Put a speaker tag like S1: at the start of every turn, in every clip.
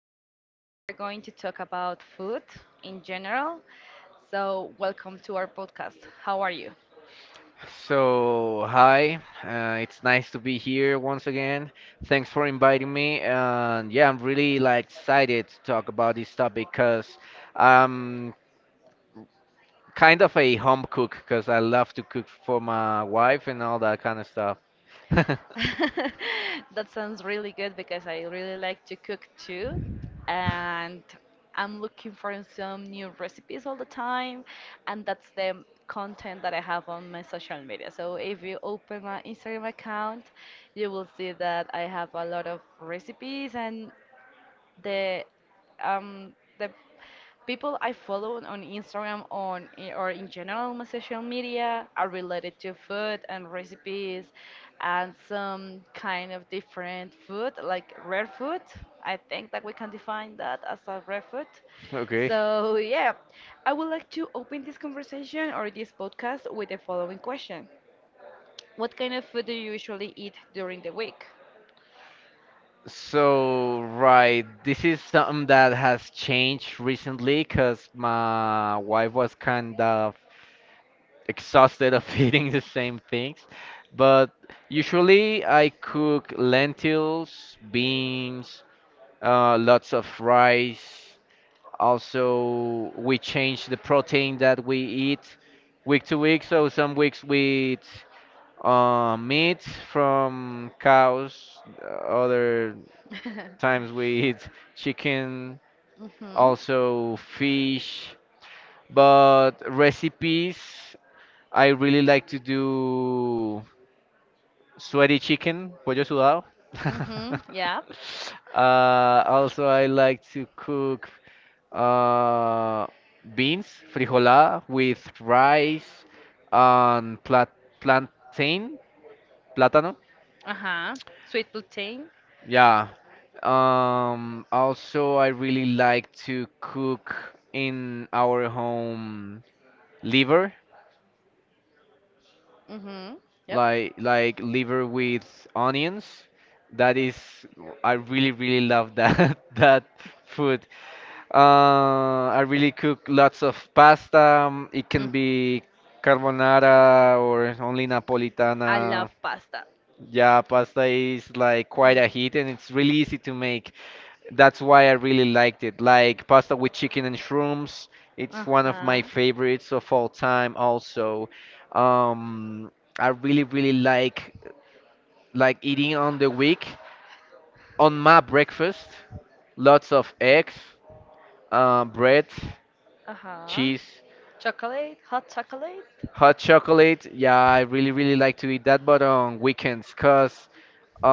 S1: Today we are going to talk about food in general. So, welcome to our podcast. How are you?
S2: It's nice to be here once again. Thanks for inviting me. And yeah, I'm really like excited to talk about this topic because I'm kind of a home cook because I love to cook for my wife and all that kind of stuff.
S1: That sounds really good because I really like to cook too. And I'm looking for some new recipes all the time. And that's the content that I have on my social media. So if you open my Instagram account, you will see that I have a lot of recipes and the the people I follow on Instagram or in general my social media are related to food and recipes and some kind of different food like rare food. I think that we can define that as a rare food.
S2: Okay.
S1: So yeah, I would like to open this conversation or this podcast with the following question. What kind of food do you usually eat during the week?
S2: So, right, this is something that has changed recently because my wife was kind of exhausted of eating the same things. But usually I cook lentils, beans, lots of rice. Also, we change the protein that we eat week to week. So some weeks we eat meat from cows. Other times we eat chicken,
S1: Mhm.
S2: also fish. But recipes, I really like to do sweaty chicken, pollo sudado.
S1: Mhm. Yep.
S2: Also, I like to cook uh, beans, frijolada, with rice and plat plantain, plátano.
S1: Uh huh. Sweet plantain.
S2: Yeah. Also, I really like to cook in our home liver.
S1: Mhm. Yep.
S2: Like liver with onions. That is, I really really love that that food. I really cook lots of pasta. It
S1: Mm.
S2: can be carbonara or only
S1: I
S2: Napolitana.
S1: love pasta.
S2: Yeah, pasta is like quite a hit and it's really easy to make. That's why I really liked it. Like pasta with chicken and shrooms.
S1: Uh
S2: It's one of
S1: huh.
S2: my favorites of all time also. Um, I really, really like eating on the week on my breakfast lots of eggs, bread,
S1: Uh huh.
S2: cheese,
S1: Chocolate, hot chocolate.
S2: hot chocolate. Yeah, I really really like to eat that but on weekends because, uh,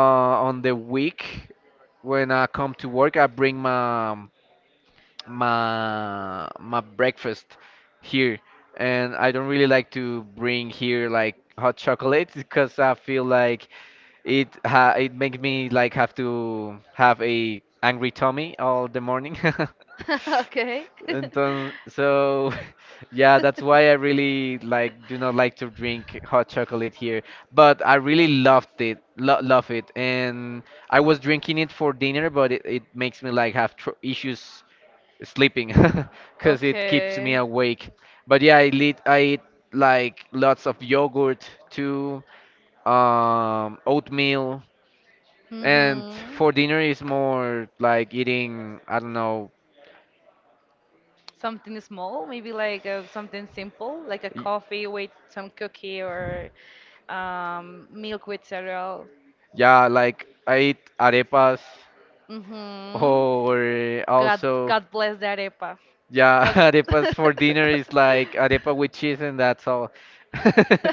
S2: on the week when I come to work, I bring my my breakfast here, and I don't really like to bring here like hot chocolate because I feel like It ha it makes me like have to have a angry tummy all the morning.
S1: Okay.
S2: Entonces, so yeah, that's why I really like do not like to drink hot chocolate here, but I really loved it, lo love it, and I was drinking it for dinner, but it makes me like have tr issues sleeping because it keeps me
S1: Okay.
S2: awake. But yeah, I eat like lots of yogurt too, oatmeal. And
S1: Mhm.
S2: for dinner is more like eating, I don't know,
S1: Something small, maybe like something simple, like a
S2: y-
S1: coffee with some cookie or milk with cereal.
S2: yeah, like I eat arepas
S1: Hmm.
S2: or
S1: God,
S2: also,
S1: God bless the arepa.
S2: yeah,
S1: That-
S2: arepas for dinner is like arepa with cheese and that's all.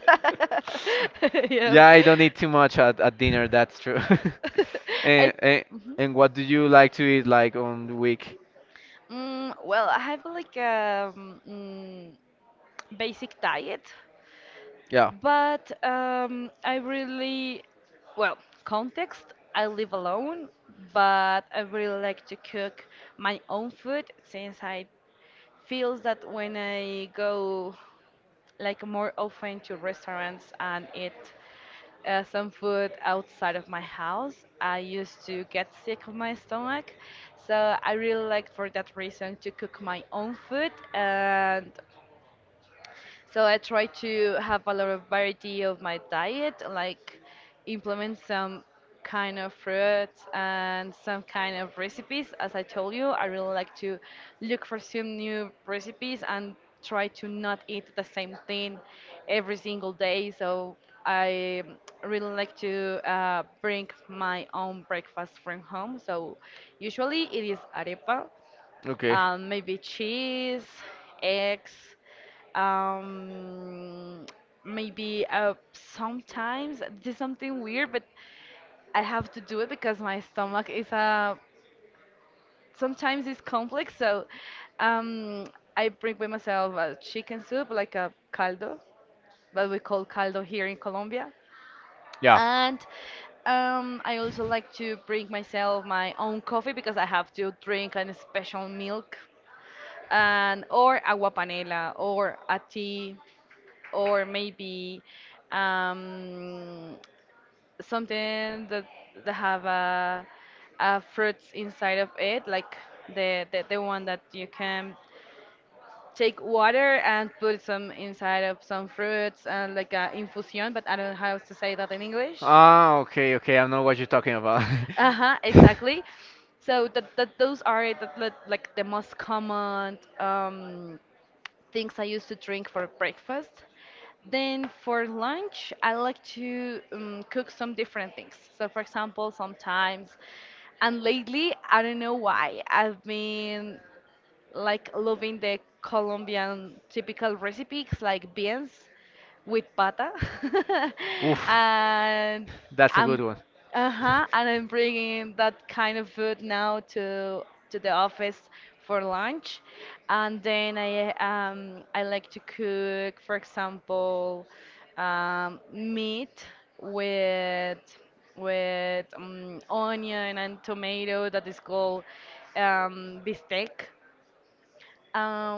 S2: Yeah,
S1: Yep.
S2: I don't eat too much at dinner, that's true.
S1: I,
S2: And, and
S1: Mhm.
S2: and what do you like to eat like on the week?
S1: Well, I have like a basic diet.
S2: Yeah,
S1: But I really, well, context, I live alone, but I really like to cook my own food since I feels that when I go like more often to restaurants and eat some food outside of my house, I used to get sick of my stomach. So I really like for that reason to cook my own food, and so I try to have a lot of variety of my diet, like implement some kind of fruits and some kind of recipes. As I told you, I really like to look for some new recipes and try to not eat the same thing every single day. So I really like to bring my own breakfast from home. So usually it is arepa,
S2: okay.
S1: maybe cheese, eggs, um, maybe sometimes this is something weird, but I have to do it because my stomach is sometimes it's complex. So um, I bring with myself a chicken soup, like a caldo, what we call caldo here in Colombia.
S2: Yeah.
S1: And I also like to bring myself my own coffee because I have to drink a special milk and or agua panela or a tea or maybe um, something that have a fruits inside of it, like the one that you can take water and put some inside of some fruits and like a infusion, but I don't know how to say that in English.
S2: Ah, okay, okay. I know what you're talking about.
S1: Uh-huh, exactly. So that those are like the most common things I used to drink for breakfast. Then for lunch, I like to cook some different things. So, for example, sometimes, and lately, I don't know why, I've been like loving the Colombian typical recipes like beans with pata.
S2: Oof,
S1: and
S2: that's a
S1: I'm
S2: good one.
S1: uh-huh, and I'm bringing that kind of food now to the office for lunch. And then I like to cook, for example, meat with with onion and tomato that is called bistec,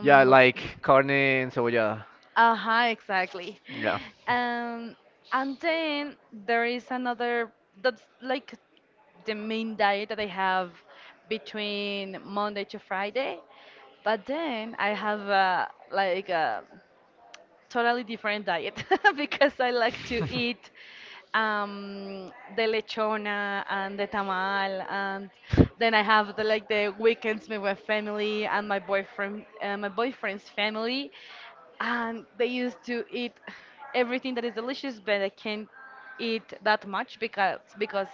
S2: Yeah, like carne and cebollada.
S1: aha, exactly.
S2: Yeah.
S1: Um, and then there is another, that's like the main diet that I have between Monday to Friday. But then I have like a totally different diet because I like to eat the lechona and the tamal, and then I have the like the weekends with my family and my boyfriend, my boyfriend's family, and they used to eat everything that is delicious, but I can't eat that much because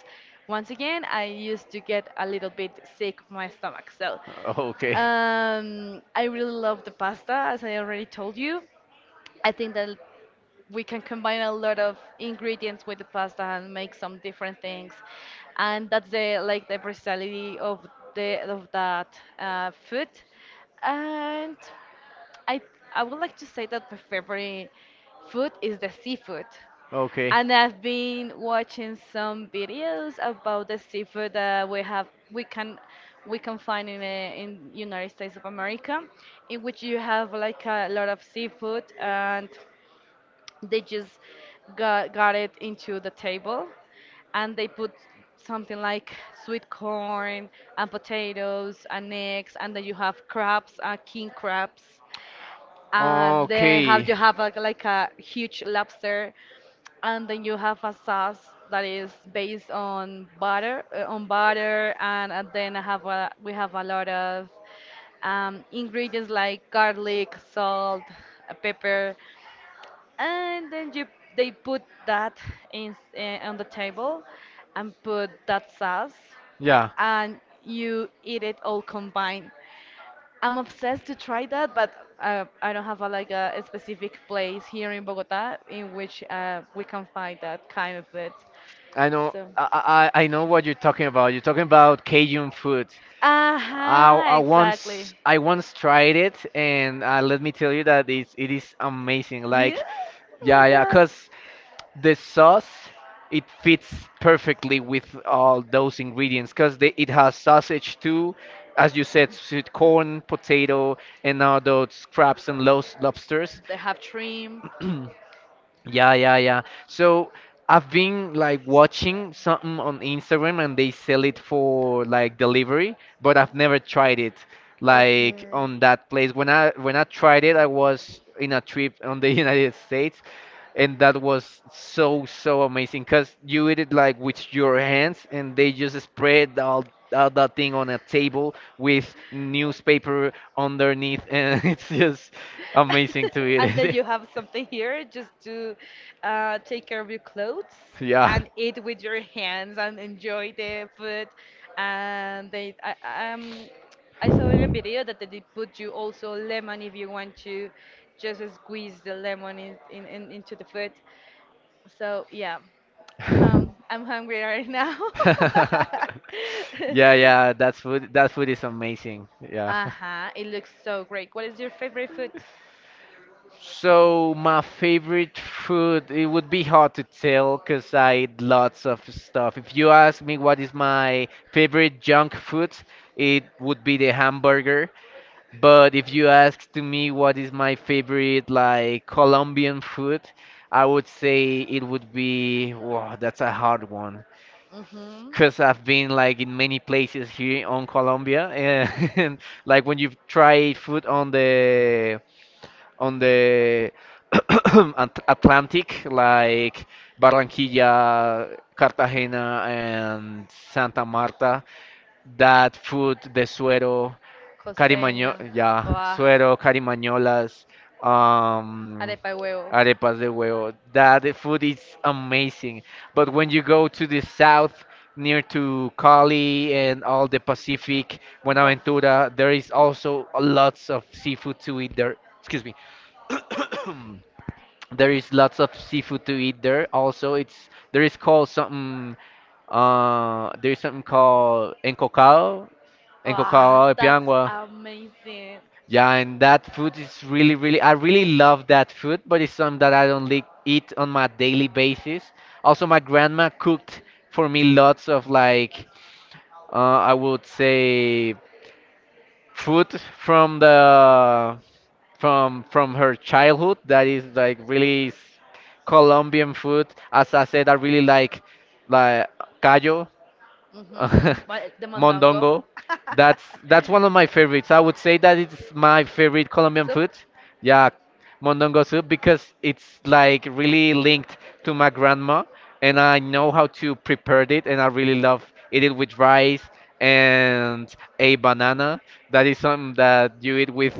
S1: once again I used to get a little bit sick of my stomach. So
S2: Okay.
S1: I really love the pasta, as I already told you. I think that we can combine a lot of ingredients with the pasta and make some different things, and that's the like the versatility of the of that food. And i I would like to say that my favorite food is the seafood,
S2: Okay.
S1: and I've been watching some videos about the seafood that we can find in the in United States of America, in which you have like a lot of seafood, and they just got it into the table, and they put something like sweet corn and potatoes and eggs, and then you have crabs, king crabs, and then have you have a, like a huge lobster, and then you have a sauce that is based on butter and then we have a lot of ingredients like garlic salt, pepper, and then you they put that in on the table and put that sauce
S2: Yeah.
S1: and you eat it all combined. I'm obsessed to try that, but I don't have like a specific place here in Bogota in which we can find that kind of it.
S2: I know.
S1: So
S2: I know what you're talking about. You're talking about Cajun food.
S1: uh-huh, exactly.
S2: I once tried it, and let me tell you that it is amazing.
S1: Yeah.
S2: Like,
S1: Oh my
S2: yeah, yeah,
S1: god,
S2: because the sauce it fits perfectly with all those ingredients. Because it has sausage too, as you said, sweet corn, potato, and all those crabs and lobsters.
S1: they have shrimp. I
S2: Yeah, yeah, yeah. So I've been like watching something on Instagram and they sell it for like delivery, but I've never tried it like on that place. When I tried it, I was in a trip on the United States and that was so so amazing because you eat it like with your hands and they just spread all that thing on a table with newspaper underneath and it's just amazing to eat
S1: And then you
S2: it.
S1: have something here just to take care of your clothes. Yeah,
S2: Yeah.
S1: and eat with your hands and enjoy the food. And I saw in a video that they put you also lemon if you want to just squeeze the lemon in into the food. So yeah, I'm hungry right now. Yeah,
S2: Yeah,
S1: yeah.
S2: yeah, that food is amazing. Yeah.
S1: Uh-huh, it looks so great. What is your favorite food?
S2: So my favorite food, it would be hard to tell because I eat lots of stuff. If you ask me what is my favorite junk food, it would be the hamburger. But if you ask to me what is my favorite like Colombian food, I would say it would be, wow, that's a hard one.
S1: Mm-hmm.
S2: Because I've been like in many places here on Colombia, and, and like when you try food on the Atlantic, like Barranquilla, Cartagena, and Santa Marta, that food, the suero,
S1: Costeño.
S2: carimaño, yeah,
S1: Wow.
S2: suero, carimañolas, um,
S1: Arepa y huevo.
S2: arepas de huevo. That food is amazing. But when you go to the south, near to Cali and all the Pacific, Buenaventura, there is also lots of seafood to eat there. Excuse me. There is lots of seafood to eat there. Also, it's there is called something. There's something called encocado, encocado
S1: Wow,
S2: de
S1: that's
S2: piangua.
S1: amazing.
S2: Yeah, and that food is really, really, I really love that food, but it's something that I don't like eat on my daily basis. Also, my grandma cooked for me lots of like, I would say, food from the from her childhood that is like really Colombian food. As I said, I really like callo.
S1: Hmm. But the mondongo.
S2: Mondongo. That's one of my favorites. I would say that it's my favorite Colombian
S1: Soup.
S2: food. Yeah, mondongo soup because it's like really linked to my grandma and I know how to prepare it and I really love eat it with rice and a banana. That is something that you eat with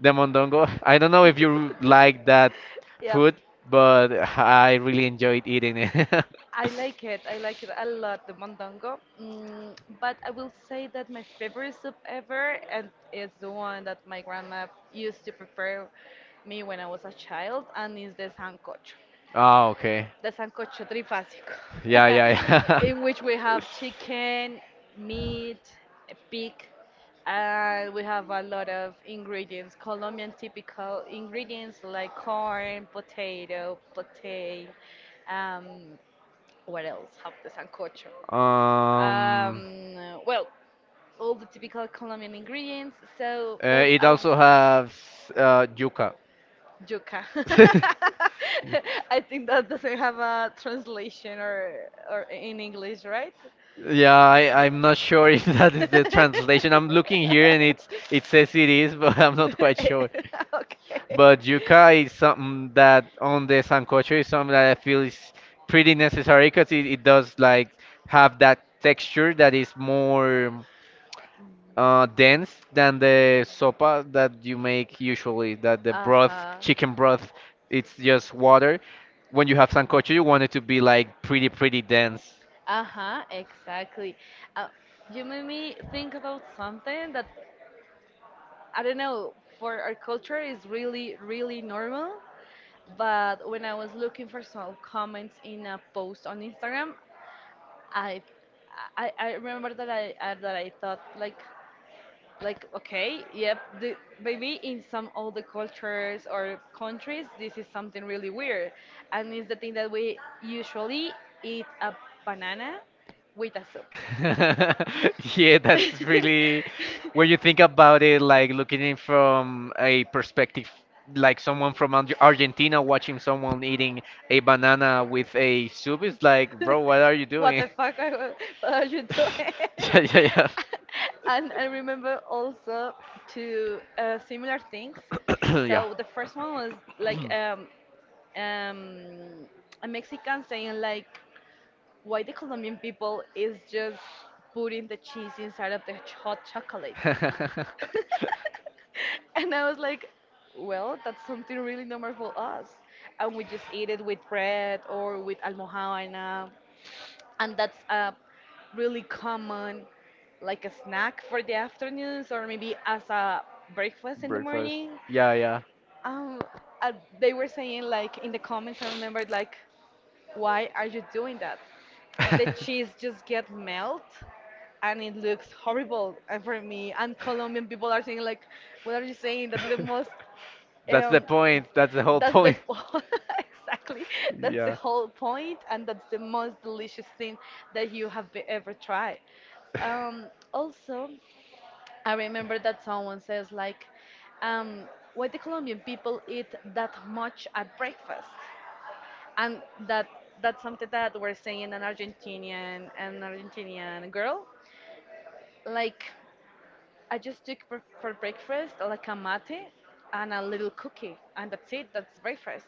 S2: the mondongo. I don't know if you like that
S1: Yep.
S2: food, but I really enjoyed eating it.
S1: I like it. I like it a lot, the mondongo. Mm, but I will say that my favorite soup ever and is the one that my grandma used to prepare me when I was a child, and is
S2: Oh, okay.
S1: the sancocho trifásico,
S2: Yeah, yeah, yeah.
S1: in which we have chicken, meat, a pig, and we have a lot of ingredients, Colombian typical ingredients like corn, potato, plantain. Um, what else? Have the sancocho.
S2: Um,
S1: Well, all the typical Colombian ingredients. So the
S2: it also has yuca.
S1: yuca. I think that doesn't have a translation or in English, right?
S2: Yeah, I'm not sure if that is
S1: Okay.
S2: the translation. I'm looking here and it says it is, but I'm not quite sure. But yuca is something that on the sancocho is something that I feel is pretty necessary because it does like have that texture that is more dense than the sopa that you make usually, that the
S1: Uh
S2: broth,
S1: huh.
S2: chicken broth, it's just water. When you have sancocho, you want it to be like pretty, pretty dense.
S1: Uh huh, exactly. Uh, you made me think about something that I don't know, for our culture is really, really normal. But when I was looking for some comments in a post on Instagram, I I remember that I thought like okay yep maybe in some other cultures or countries this is something really weird, and it's the thing that we usually eat a banana with a soup.
S2: Yeah, that's really when you think about it, like looking in from a perspective, like someone from Argentina watching someone eating a banana with a soup, it's like, bro, what are you doing?
S1: The fuck are, what are you doing?
S2: Yeah, yeah,
S1: And I remember also two similar things.
S2: yeah.
S1: So the first one was like
S2: Yeah.
S1: um, a Mexican saying like, "Why the Colombian people is just putting the cheese inside of the hot chocolate?" And I was like, "Well, that's something really normal for us, and we just eat it with bread or with almohadana, and that's a really common like a snack for the afternoons or maybe as a breakfast in the
S2: Breakfast.
S1: morning.
S2: Yeah, yeah.
S1: um uh, they were saying like in the comments I remembered like why are you doing that, the cheese just get melt and it looks horrible, and for me and Colombian people are saying like what are you saying, that's the most
S2: That's the
S1: um,
S2: point. That's the whole
S1: that's the
S2: point.
S1: point." Exactly. That's the
S2: Yeah.
S1: whole point, and that's the most delicious thing that you have ever tried. Um, also, I remember that someone says like, um, "Why the Colombian people eat that much at breakfast?" And that that's something that we're saying an Argentinian girl. Like, I just took for breakfast like a mate and a little cookie, and that's it. That's breakfast.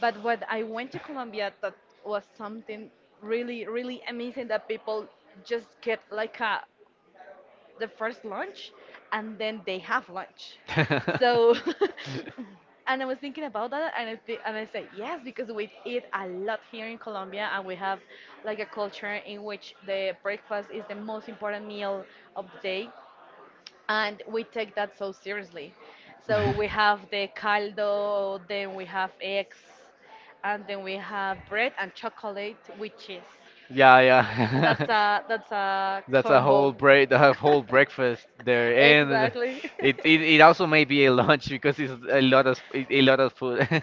S1: But when I went to Colombia, that was something really, really amazing that people just get like a the first lunch and then they have lunch. So, and I was thinking about that, and I said yes because we eat a lot here in Colombia and we have like a culture in which the breakfast is the most important meal of the day, and we take that so seriously. So we have the caldo, then we have eggs, and then we have bread and chocolate with cheese.
S2: Yeah, yeah.
S1: That's a
S2: That's a whole
S1: combo.
S2: break, the whole breakfast there, and
S1: Exactly.
S2: it also may be a lunch because it's a lot of food.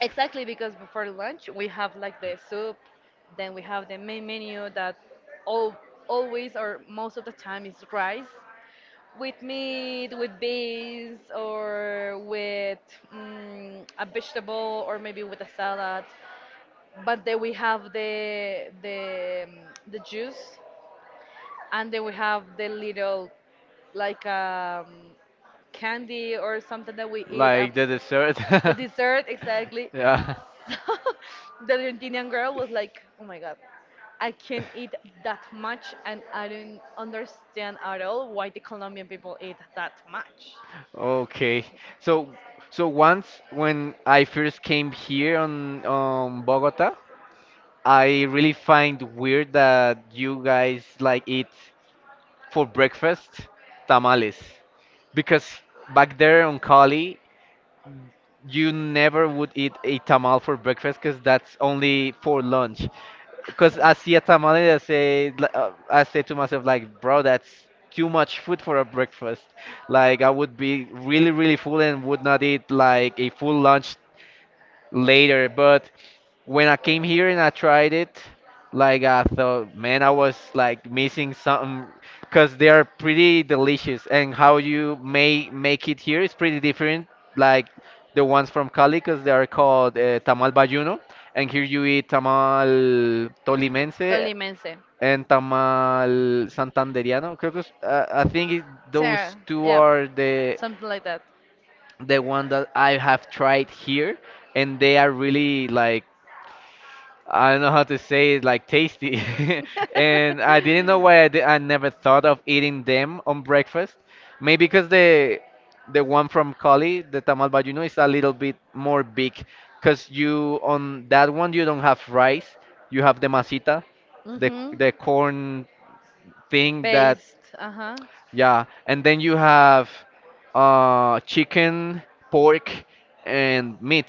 S1: Exactly, because before lunch we have like the soup, then we have the main menu that all always or most of the time is rice, with meat, with beans, or with mm a vegetable, or maybe with a salad. But then we have the juice, and then we have the little like candy or something that we eat
S2: The
S1: after,
S2: dessert.
S1: the dessert exactly.
S2: Yeah.
S1: So the Argentinian girl was like, "Oh my god, I can't eat that much, and I don't understand at all why the Colombian people eat that much."
S2: Okay. So so once when I first came here on Bogota, I really find weird that you guys like eat for breakfast tamales because back there on Cali you never would eat a tamal for breakfast because that's only for lunch. Because I see a tamal and I say I say to myself like bro that's too much food for a breakfast. Like I would be really really full and would not eat like a full lunch later. But when I came here and I tried it, like I thought, man, I was like missing something because they are pretty delicious, and how you may make it here is pretty different. Like the ones from Cali, because they are called tamal bayuno, and here you eat tamal tolimense
S1: Tolimense,
S2: and tamal santanderiano. Creo que, I think it,
S1: Sarah,
S2: those two
S1: yeah,
S2: are
S1: something like that.
S2: the one that I have tried here, and they are really like I don't know how to say it, like tasty.
S1: do
S2: And I didn't know why I never thought of eating them on breakfast. Maybe because the one from Cali, the tamal bayuno, is a little bit more big. Because you on that one you don't have rice, you have the masita, the corn thing that
S1: Based, uh-huh. and
S2: yeah, and then you have chicken, pork, and meat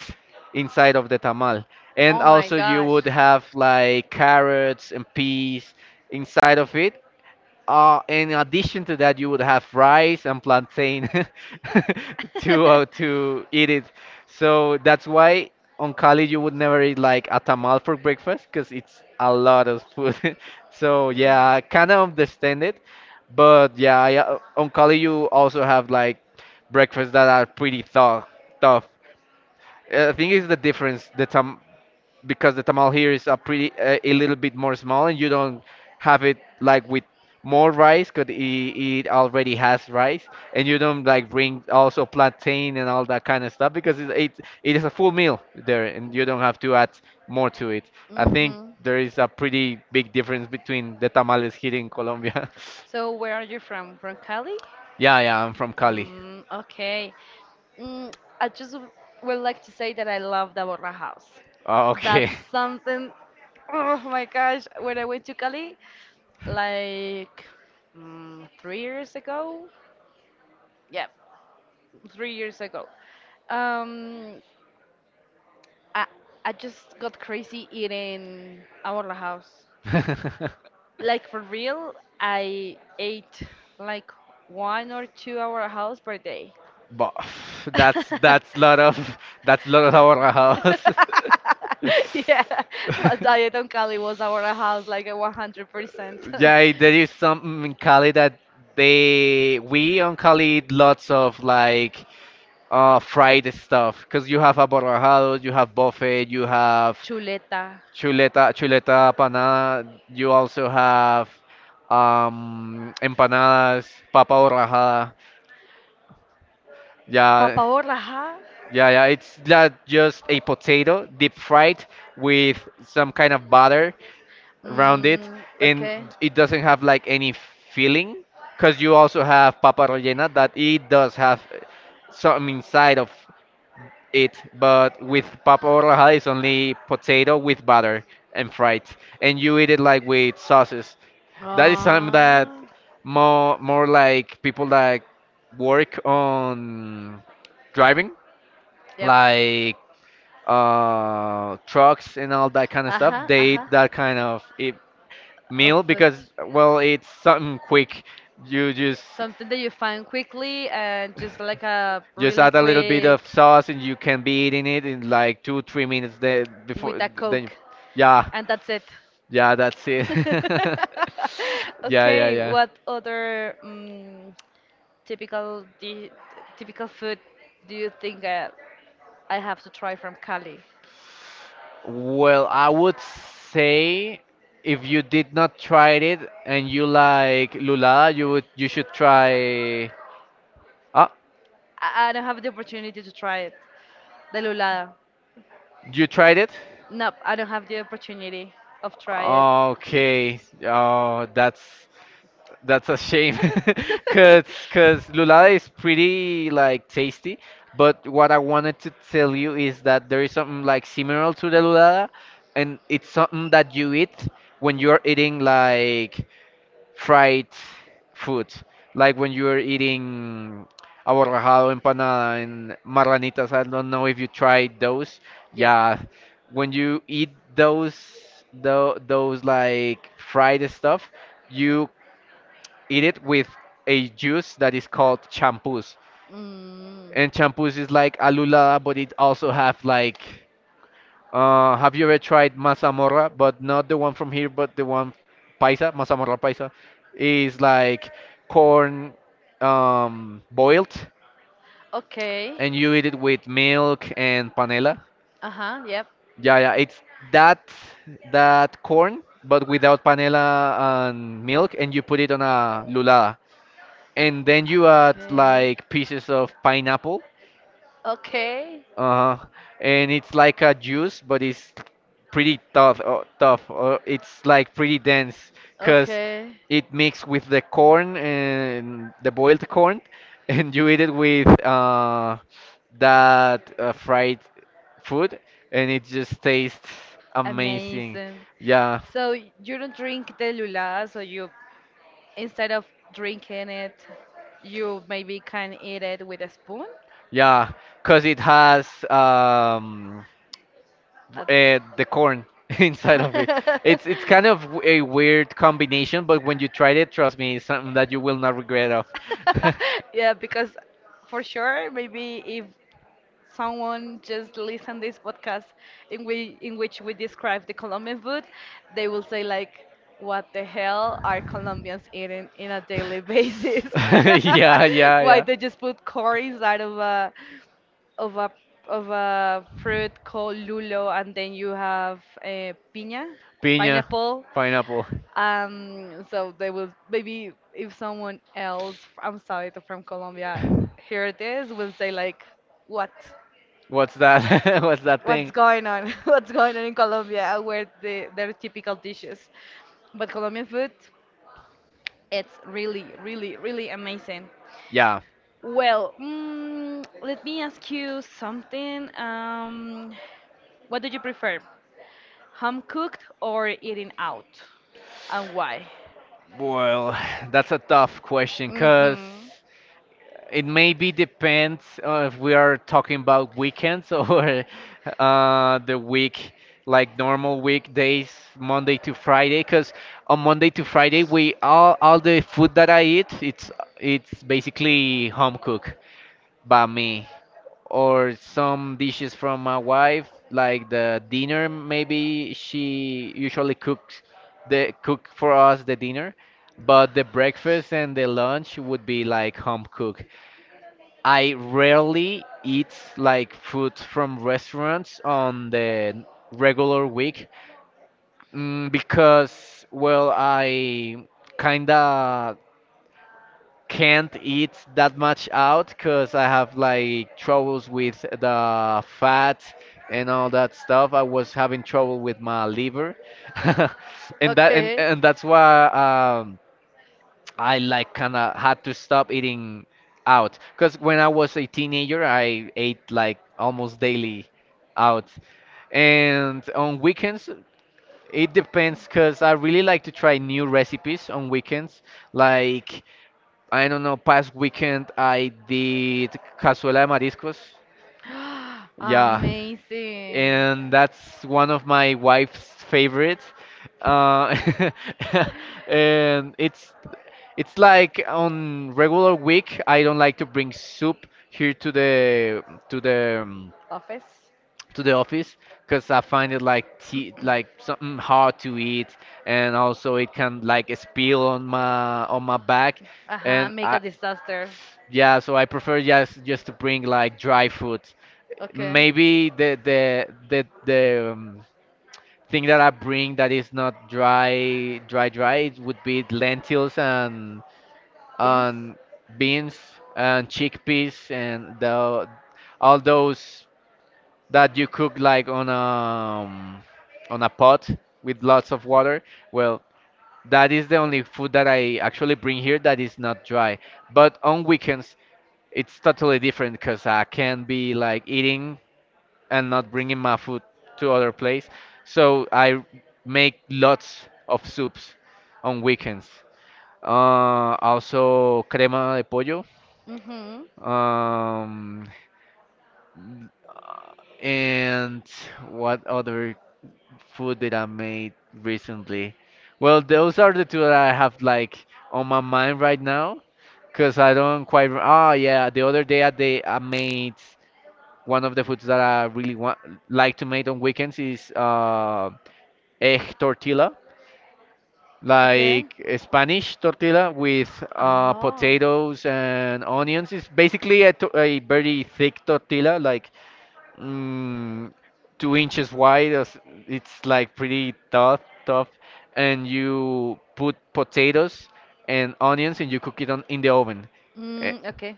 S2: inside of the tamal. And also you would have like carrots and peas inside of it. In addition to that, you would have rice and plantain to eat it. So that's why on Cali you would never eat like a tamal for breakfast because it's a lot of food. So yeah, I kind of understand it, but yeah, on Cali you also have like breakfast that are pretty tough. Tough. I think it's the difference. The tam because the tamal here is a pretty a little bit more small and you don't have it like with more rice because it already has rice and you don't like bring also plantain and all that kind of stuff because it is a full meal there and you don't have to add more to it. I think there is a pretty big difference between the tamales here in Colombia.
S1: So where are you from? From Cali?
S2: Yeah, yeah, I'm from Cali.
S1: Mm, okay. Mm, I just w- would like to say that I love the Borra House.
S2: Oh, okay.
S1: That's something. Oh my gosh! When I went to Cali, like 3 years ago. Yeah, 3 years ago. Um, I I just got crazy eating a House. Like for real, I ate like one or two Borra House per day.
S2: But that's that's lot of our house.
S1: Yeah, but diet on Cali was our house like a 100%.
S2: Yeah, there is something in Cali that they we on Cali eat lots of like fried stuff because you have aborrajado, you have buffet, you have
S1: Chuleta.
S2: chuleta panada. You also have empanadas, papa borrajada. Yeah,
S1: Papa borraja.
S2: yeah, it's not just a potato deep fried with some kind of butter around it,
S1: Mm,
S2: and
S1: okay.
S2: it doesn't have like any filling. Because you also have papa rellena that it does have some inside of it, but with papa rallejada it's only potato with butter and fried, and you eat it like with sauces. That is something that
S1: Ah,
S2: more like people that work on driving
S1: yep.
S2: like trucks and all that kind of stuff,
S1: Ajá,
S2: they eat
S1: ajá.
S2: that kind of
S1: Of
S2: meal
S1: it.
S2: because, well, it's something quick. You
S1: Something that you find quickly and just like a
S2: just
S1: really
S2: add a little bit of
S1: quick.
S2: sauce and you can be eating it in like two, 3 minutes. Then
S1: With
S2: before
S1: a
S2: then, you,
S1: coke
S2: yeah,
S1: and that's it.
S2: Yeah, that's it. Yeah, yeah,
S1: Okay,
S2: yeah.
S1: what other typical di- typical food do you think I have to try from Cali?
S2: Well, I would say if you did not try it and you like lula, you would you should try. Ah,
S1: I don't have the opportunity to try it, the lulada.
S2: you tried it?
S1: Nope, I don't have the opportunity of try it.
S2: Okay. Oh, that's a shame. cause cause lulada is pretty like tasty, but what I wanted to tell you is that there is something like similar to the lulada, and it's something that you eat when you're eating like fried food, like when you are eating aborrajado, empanada, and marranitas. I don't know if you tried those. Yeah, when you eat those, those like fried stuff, you eat it with a juice that is called champús.
S1: Mm.
S2: And champús is like alula, but it also have like have you ever tried mazamorra? But not the one from here, but the one paisa, mazamorra paisa, is like corn boiled,
S1: Okay.
S2: and you eat it with milk and panela.
S1: Uh huh. Yep.
S2: Yeah, it's that that corn, but without panela and milk, and you put it on a lulada, and then you add like pieces of pineapple.
S1: Okay.
S2: Uh, and it's like a juice, but it's pretty tough. It's like pretty dense because
S1: Okay.
S2: it mixed with the corn and the boiled corn, and you eat it with that fried food, and it just tastes amazing.
S1: Amazing.
S2: Yeah,
S1: So you don't drink telula, so you instead of drinking it, you maybe can eat it with a spoon.
S2: yeah, because it has
S1: A-
S2: uh, the corn inside of it. It's kind of a weird combination, but when you try it, trust me, it's something that you will not regret of.
S1: yeah, because for sure, maybe if someone just listen this podcast in we in which we describe the Colombian food, they will say like, "What the hell are Colombians eating in a daily basis?
S2: yeah, yeah,
S1: Why
S2: yeah.
S1: they just put corn inside of a of a of a fruit called lulo, and then you have a piña,
S2: Piña,
S1: pineapple."
S2: pineapple.
S1: So they will maybe if someone else outside from Colombia hear this will say like, what?
S2: What's that? What's that
S1: What's
S2: thing?
S1: going on? What's going on in Colombia? Where the their typical dishes? But Colombian food, it's really, really, really amazing.
S2: Yeah,
S1: Well, let me ask you something. What do you prefer, home cooked or eating out, and why?
S2: well, that's a tough question because
S1: Hmm.
S2: it maybe depends if we are talking about weekends or the week, like normal weekdays, Monday to Friday. Because on Monday to Friday, we all the food that I eat, it's basically home cook by me, or some dishes from my wife, like the dinner. Maybe she usually cooks the cook for us the dinner, but the breakfast and the lunch would be like home cook. I rarely eat like food from restaurants on the regular week, because well I kinda can't eat that much out because I have like troubles with the fat and all that stuff. I was having trouble with my liver, and that and,
S1: Okay.
S2: and that's why um, I like kind of had to stop eating out, because when I was a teenager, I ate like almost daily out, and on weekends. It depends because I really like to try new recipes on weekends. Like I don't know, past weekend I did cazuela de mariscos. Yeah.
S1: Amazing.
S2: And that's one of my wife's favorites. Uh, and it's like on regular week I don't like to bring soup here to to the um,
S1: Office.
S2: the office because I find it like tea, like something hard to eat and also it can like spill on my back
S1: Uh huh.
S2: and
S1: Make
S2: I,
S1: a disaster.
S2: yeah, so I prefer just to bring like dry food.
S1: Okay.
S2: Maybe the thing that I bring that is not dry it would be lentils and
S1: Beans?
S2: and beans and chickpeas and the all those that you cook like on a pot with lots of water. Well, that is the only food that I actually bring here that is not dry. But on weekends it's totally different because I can be like eating and not bringing my food to other place. So I make lots of soups on weekends. Also crema de pollo.
S1: Mhm.
S2: Um, and what other food did I made recently? Well, those are the two that I have like on my mind right now, cause I don't quite yeah, the other day I made one of the foods that I really want like to make on weekends is egg tortilla,
S1: Okay.
S2: like a Spanish tortilla with
S1: Oh.
S2: potatoes and onions. It's basically a very thick tortilla, like mm, 2 inches wide. It's like pretty tough, and you put potatoes and onions and you cook it on in the oven, eh,
S1: Mm, okay.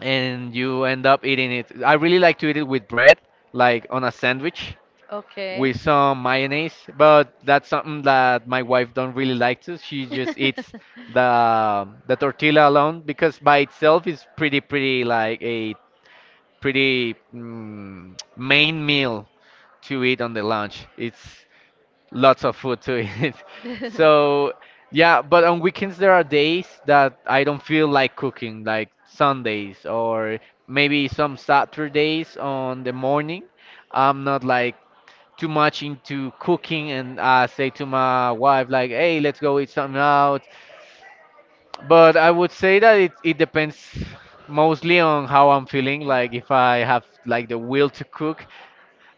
S2: and you end up eating it. I really like to eat it with bread, like on a sandwich,
S1: Okay.
S2: with some mayonnaise, but that's something that my wife don't really like to. She just eats the tortilla alone because by itself is pretty like a pretty main meal to eat on the lunch. It's lots of food to eat. So yeah, but on weekends there are days that I don't feel like cooking, like Sundays or maybe some Saturdays on the morning. I'm not like too much into cooking and I say to my wife like, "Hey, let's go eat something out." But I would say that it depends mostly on how I'm feeling. Like if I have like the will to cook,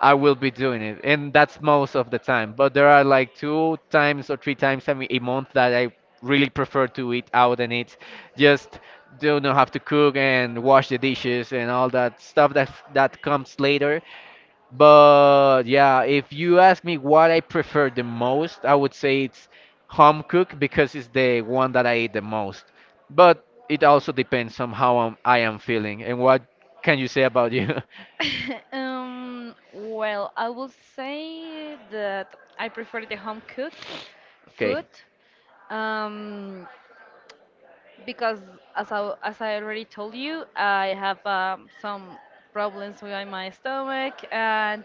S2: I will be doing it, and that's most of the time. But there are like two times or three times a month that I really prefer to eat out and eat, just do not have to cook and wash the dishes and all that stuff that comes later. But yeah, if you ask me what I prefer the most, I would say it's home cook because it's the one that I eat the most. But it also depends on how I am feeling. And what can you say about you?
S1: Well, I will say that I prefer the home cook
S2: Okay.
S1: food um, because, as I already told you, I have some problems with my stomach,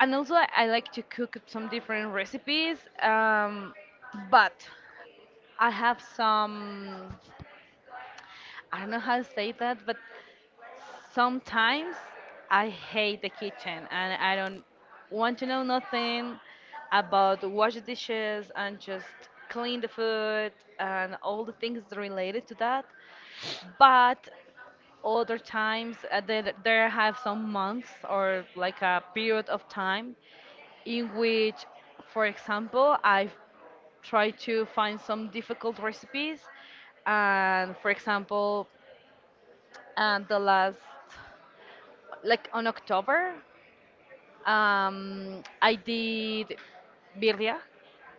S1: and also I like to cook some different recipes. But I have some, I don't know how to say that, but sometimes I hate the kitchen and I don't want to know nothing about wash the dishes and just clean the food and all the things related to that. But other times there have some months or like a period of time in which, for example, I've try to find some difficult recipes and for example and the last like on October, I did birria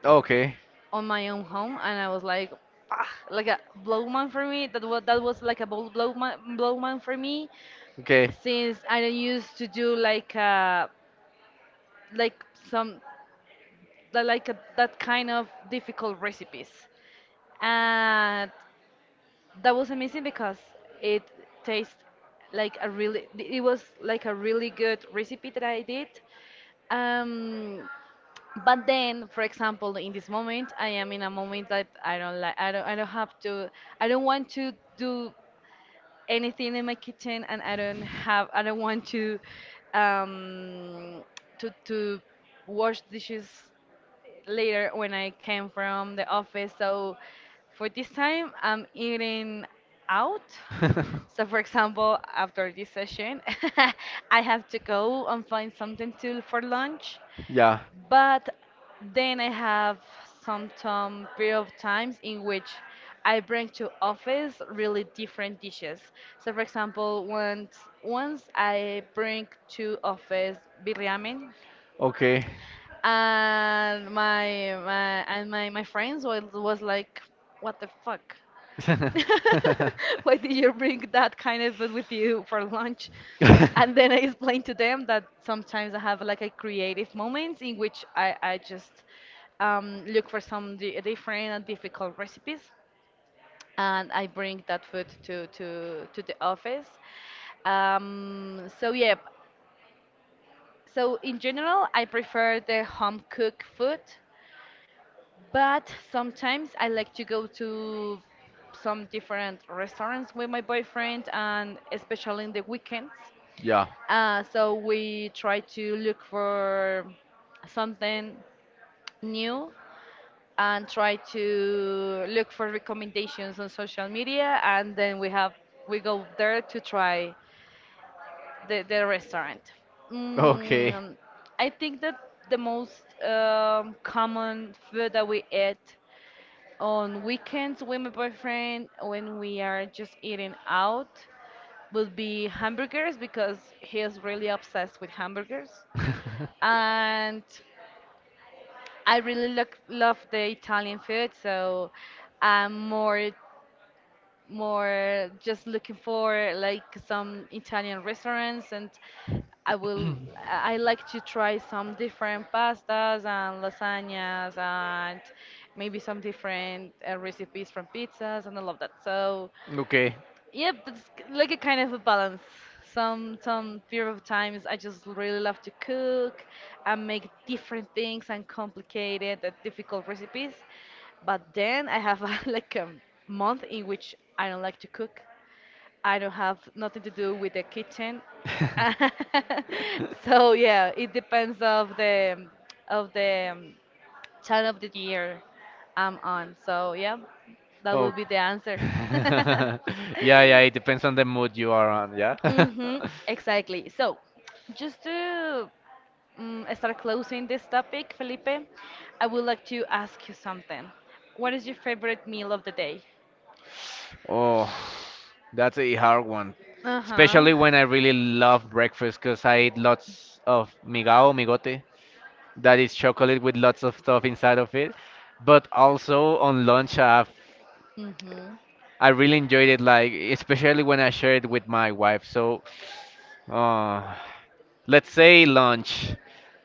S2: Okay.
S1: on my own home, and I was like, ah, like a blow man for me. That was like a blow man for me,
S2: Okay.
S1: since I don't used to do like some like a, that kind of difficult recipes, and that was amazing because it tastes like a really it was like a really good recipe that I did. Um, but then for example in this moment I am in a moment that I don't have to I don't want to do anything in my kitchen and I don't want to um to wash dishes later when I came from the office, so for this time I'm eating out. So for example after this session I have to go and find something to for lunch.
S2: yeah.
S1: But then I have some time period of times in which I bring to office really different dishes. So for example, once I bring to office biryani,
S2: Okay.
S1: and my and my my friends was like, what the fuck? Why did you bring that kind of food with you for lunch? And then I explained to them that sometimes I have like a creative moments in which I just look for some different and difficult recipes and I bring that food to the office. So yeah, so in general, I prefer the home cooked food. But sometimes I like to go to some different restaurants with my boyfriend, and especially in the weekends.
S2: yeah.
S1: So we try to look for something new and try to look for recommendations on social media, and then we go there to try the restaurant.
S2: Okay.
S1: Mm, I think that the most common food that we eat on weekends with my boyfriend, when we are just eating out, would be hamburgers because he is really obsessed with hamburgers.
S2: um,
S1: And I really look, love the Italian food, so I'm more just looking for like some Italian restaurants and I will I like to try some different pastas and lasagnas and maybe some different recipes from pizzas and I love that. So
S2: Okay.
S1: yep, that's like a kind of a balance. Some period of times I just really love to cook and make different things and complicated and difficult recipes. But then I have a, like a month in which I don't like to cook. I don't have nothing to do with the kitchen. So yeah, it depends of the of the um, time of the year I'm on. So yeah, that
S2: Oh.
S1: will be the answer.
S2: yeah, yeah, it depends on the mood you are on, yeah?
S1: Mm-hmm, exactly. So, just to start closing this topic, Felipe, I would like to ask you something. What is your favorite meal of the day?
S2: Oh, that's a hard one.
S1: Uh-huh.
S2: Especially when I really love breakfast because I eat lots of migao, migote. That is chocolate with lots of stuff inside of it. But also on lunch, I have
S1: Mm-hmm.
S2: I really enjoyed it, like especially when I shared it with my wife. So, uh, let's say lunch,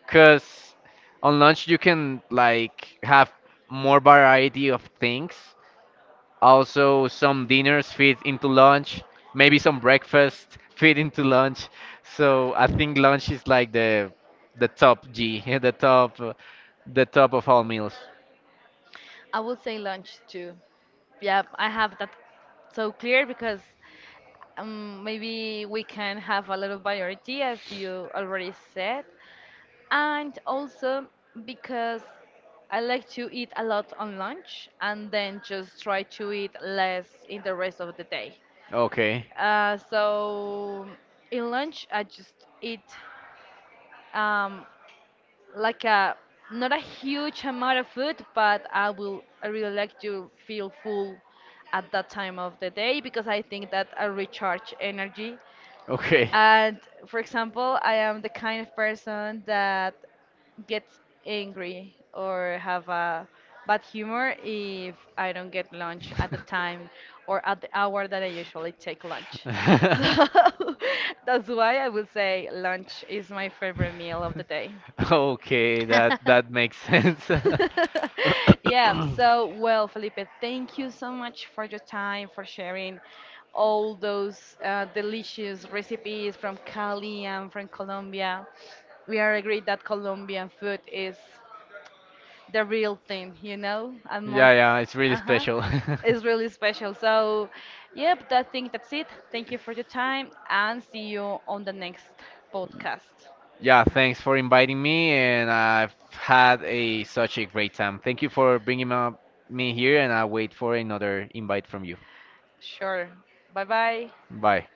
S2: cause on lunch you can like have more variety of things. Also, some dinners fit into lunch. Maybe some breakfast fit into lunch. So I think lunch is like the top G, the top of all meals.
S1: I would say lunch too. Yeah, I have that so clear because maybe we can have a little variety, as you already said, and also because I like to eat a lot on lunch and then just try to eat less in the rest of the day.
S2: Okay,
S1: So in lunch, I just eat um, like a not a huge amount of food, but I really like to feel full at that time of the day because I think that I recharge energy
S2: okay.
S1: and for example, I am the kind of person that gets angry or have a bad humor if I don't get lunch at the time or at the hour that I usually take lunch. So that's why I will say lunch is my favorite meal of the day.
S2: Okay, that makes sense.
S1: Yeah, so well, Felipe, thank you so much for your time, for sharing all those delicious recipes from Cali and from Colombia. We are agreed that Colombian food is the real thing, you know, and
S2: Yeah,
S1: most,
S2: yeah, it's really
S1: uh-huh,
S2: special.
S1: it's really special. So, yep, I think that's it. Thank you for your time and see you on the next podcast.
S2: Yeah, thanks for inviting me, and I've had a such a great time. Thank you for bringing up me here, and I wait for another invite from you.
S1: Sure. Bye bye.
S2: Bye.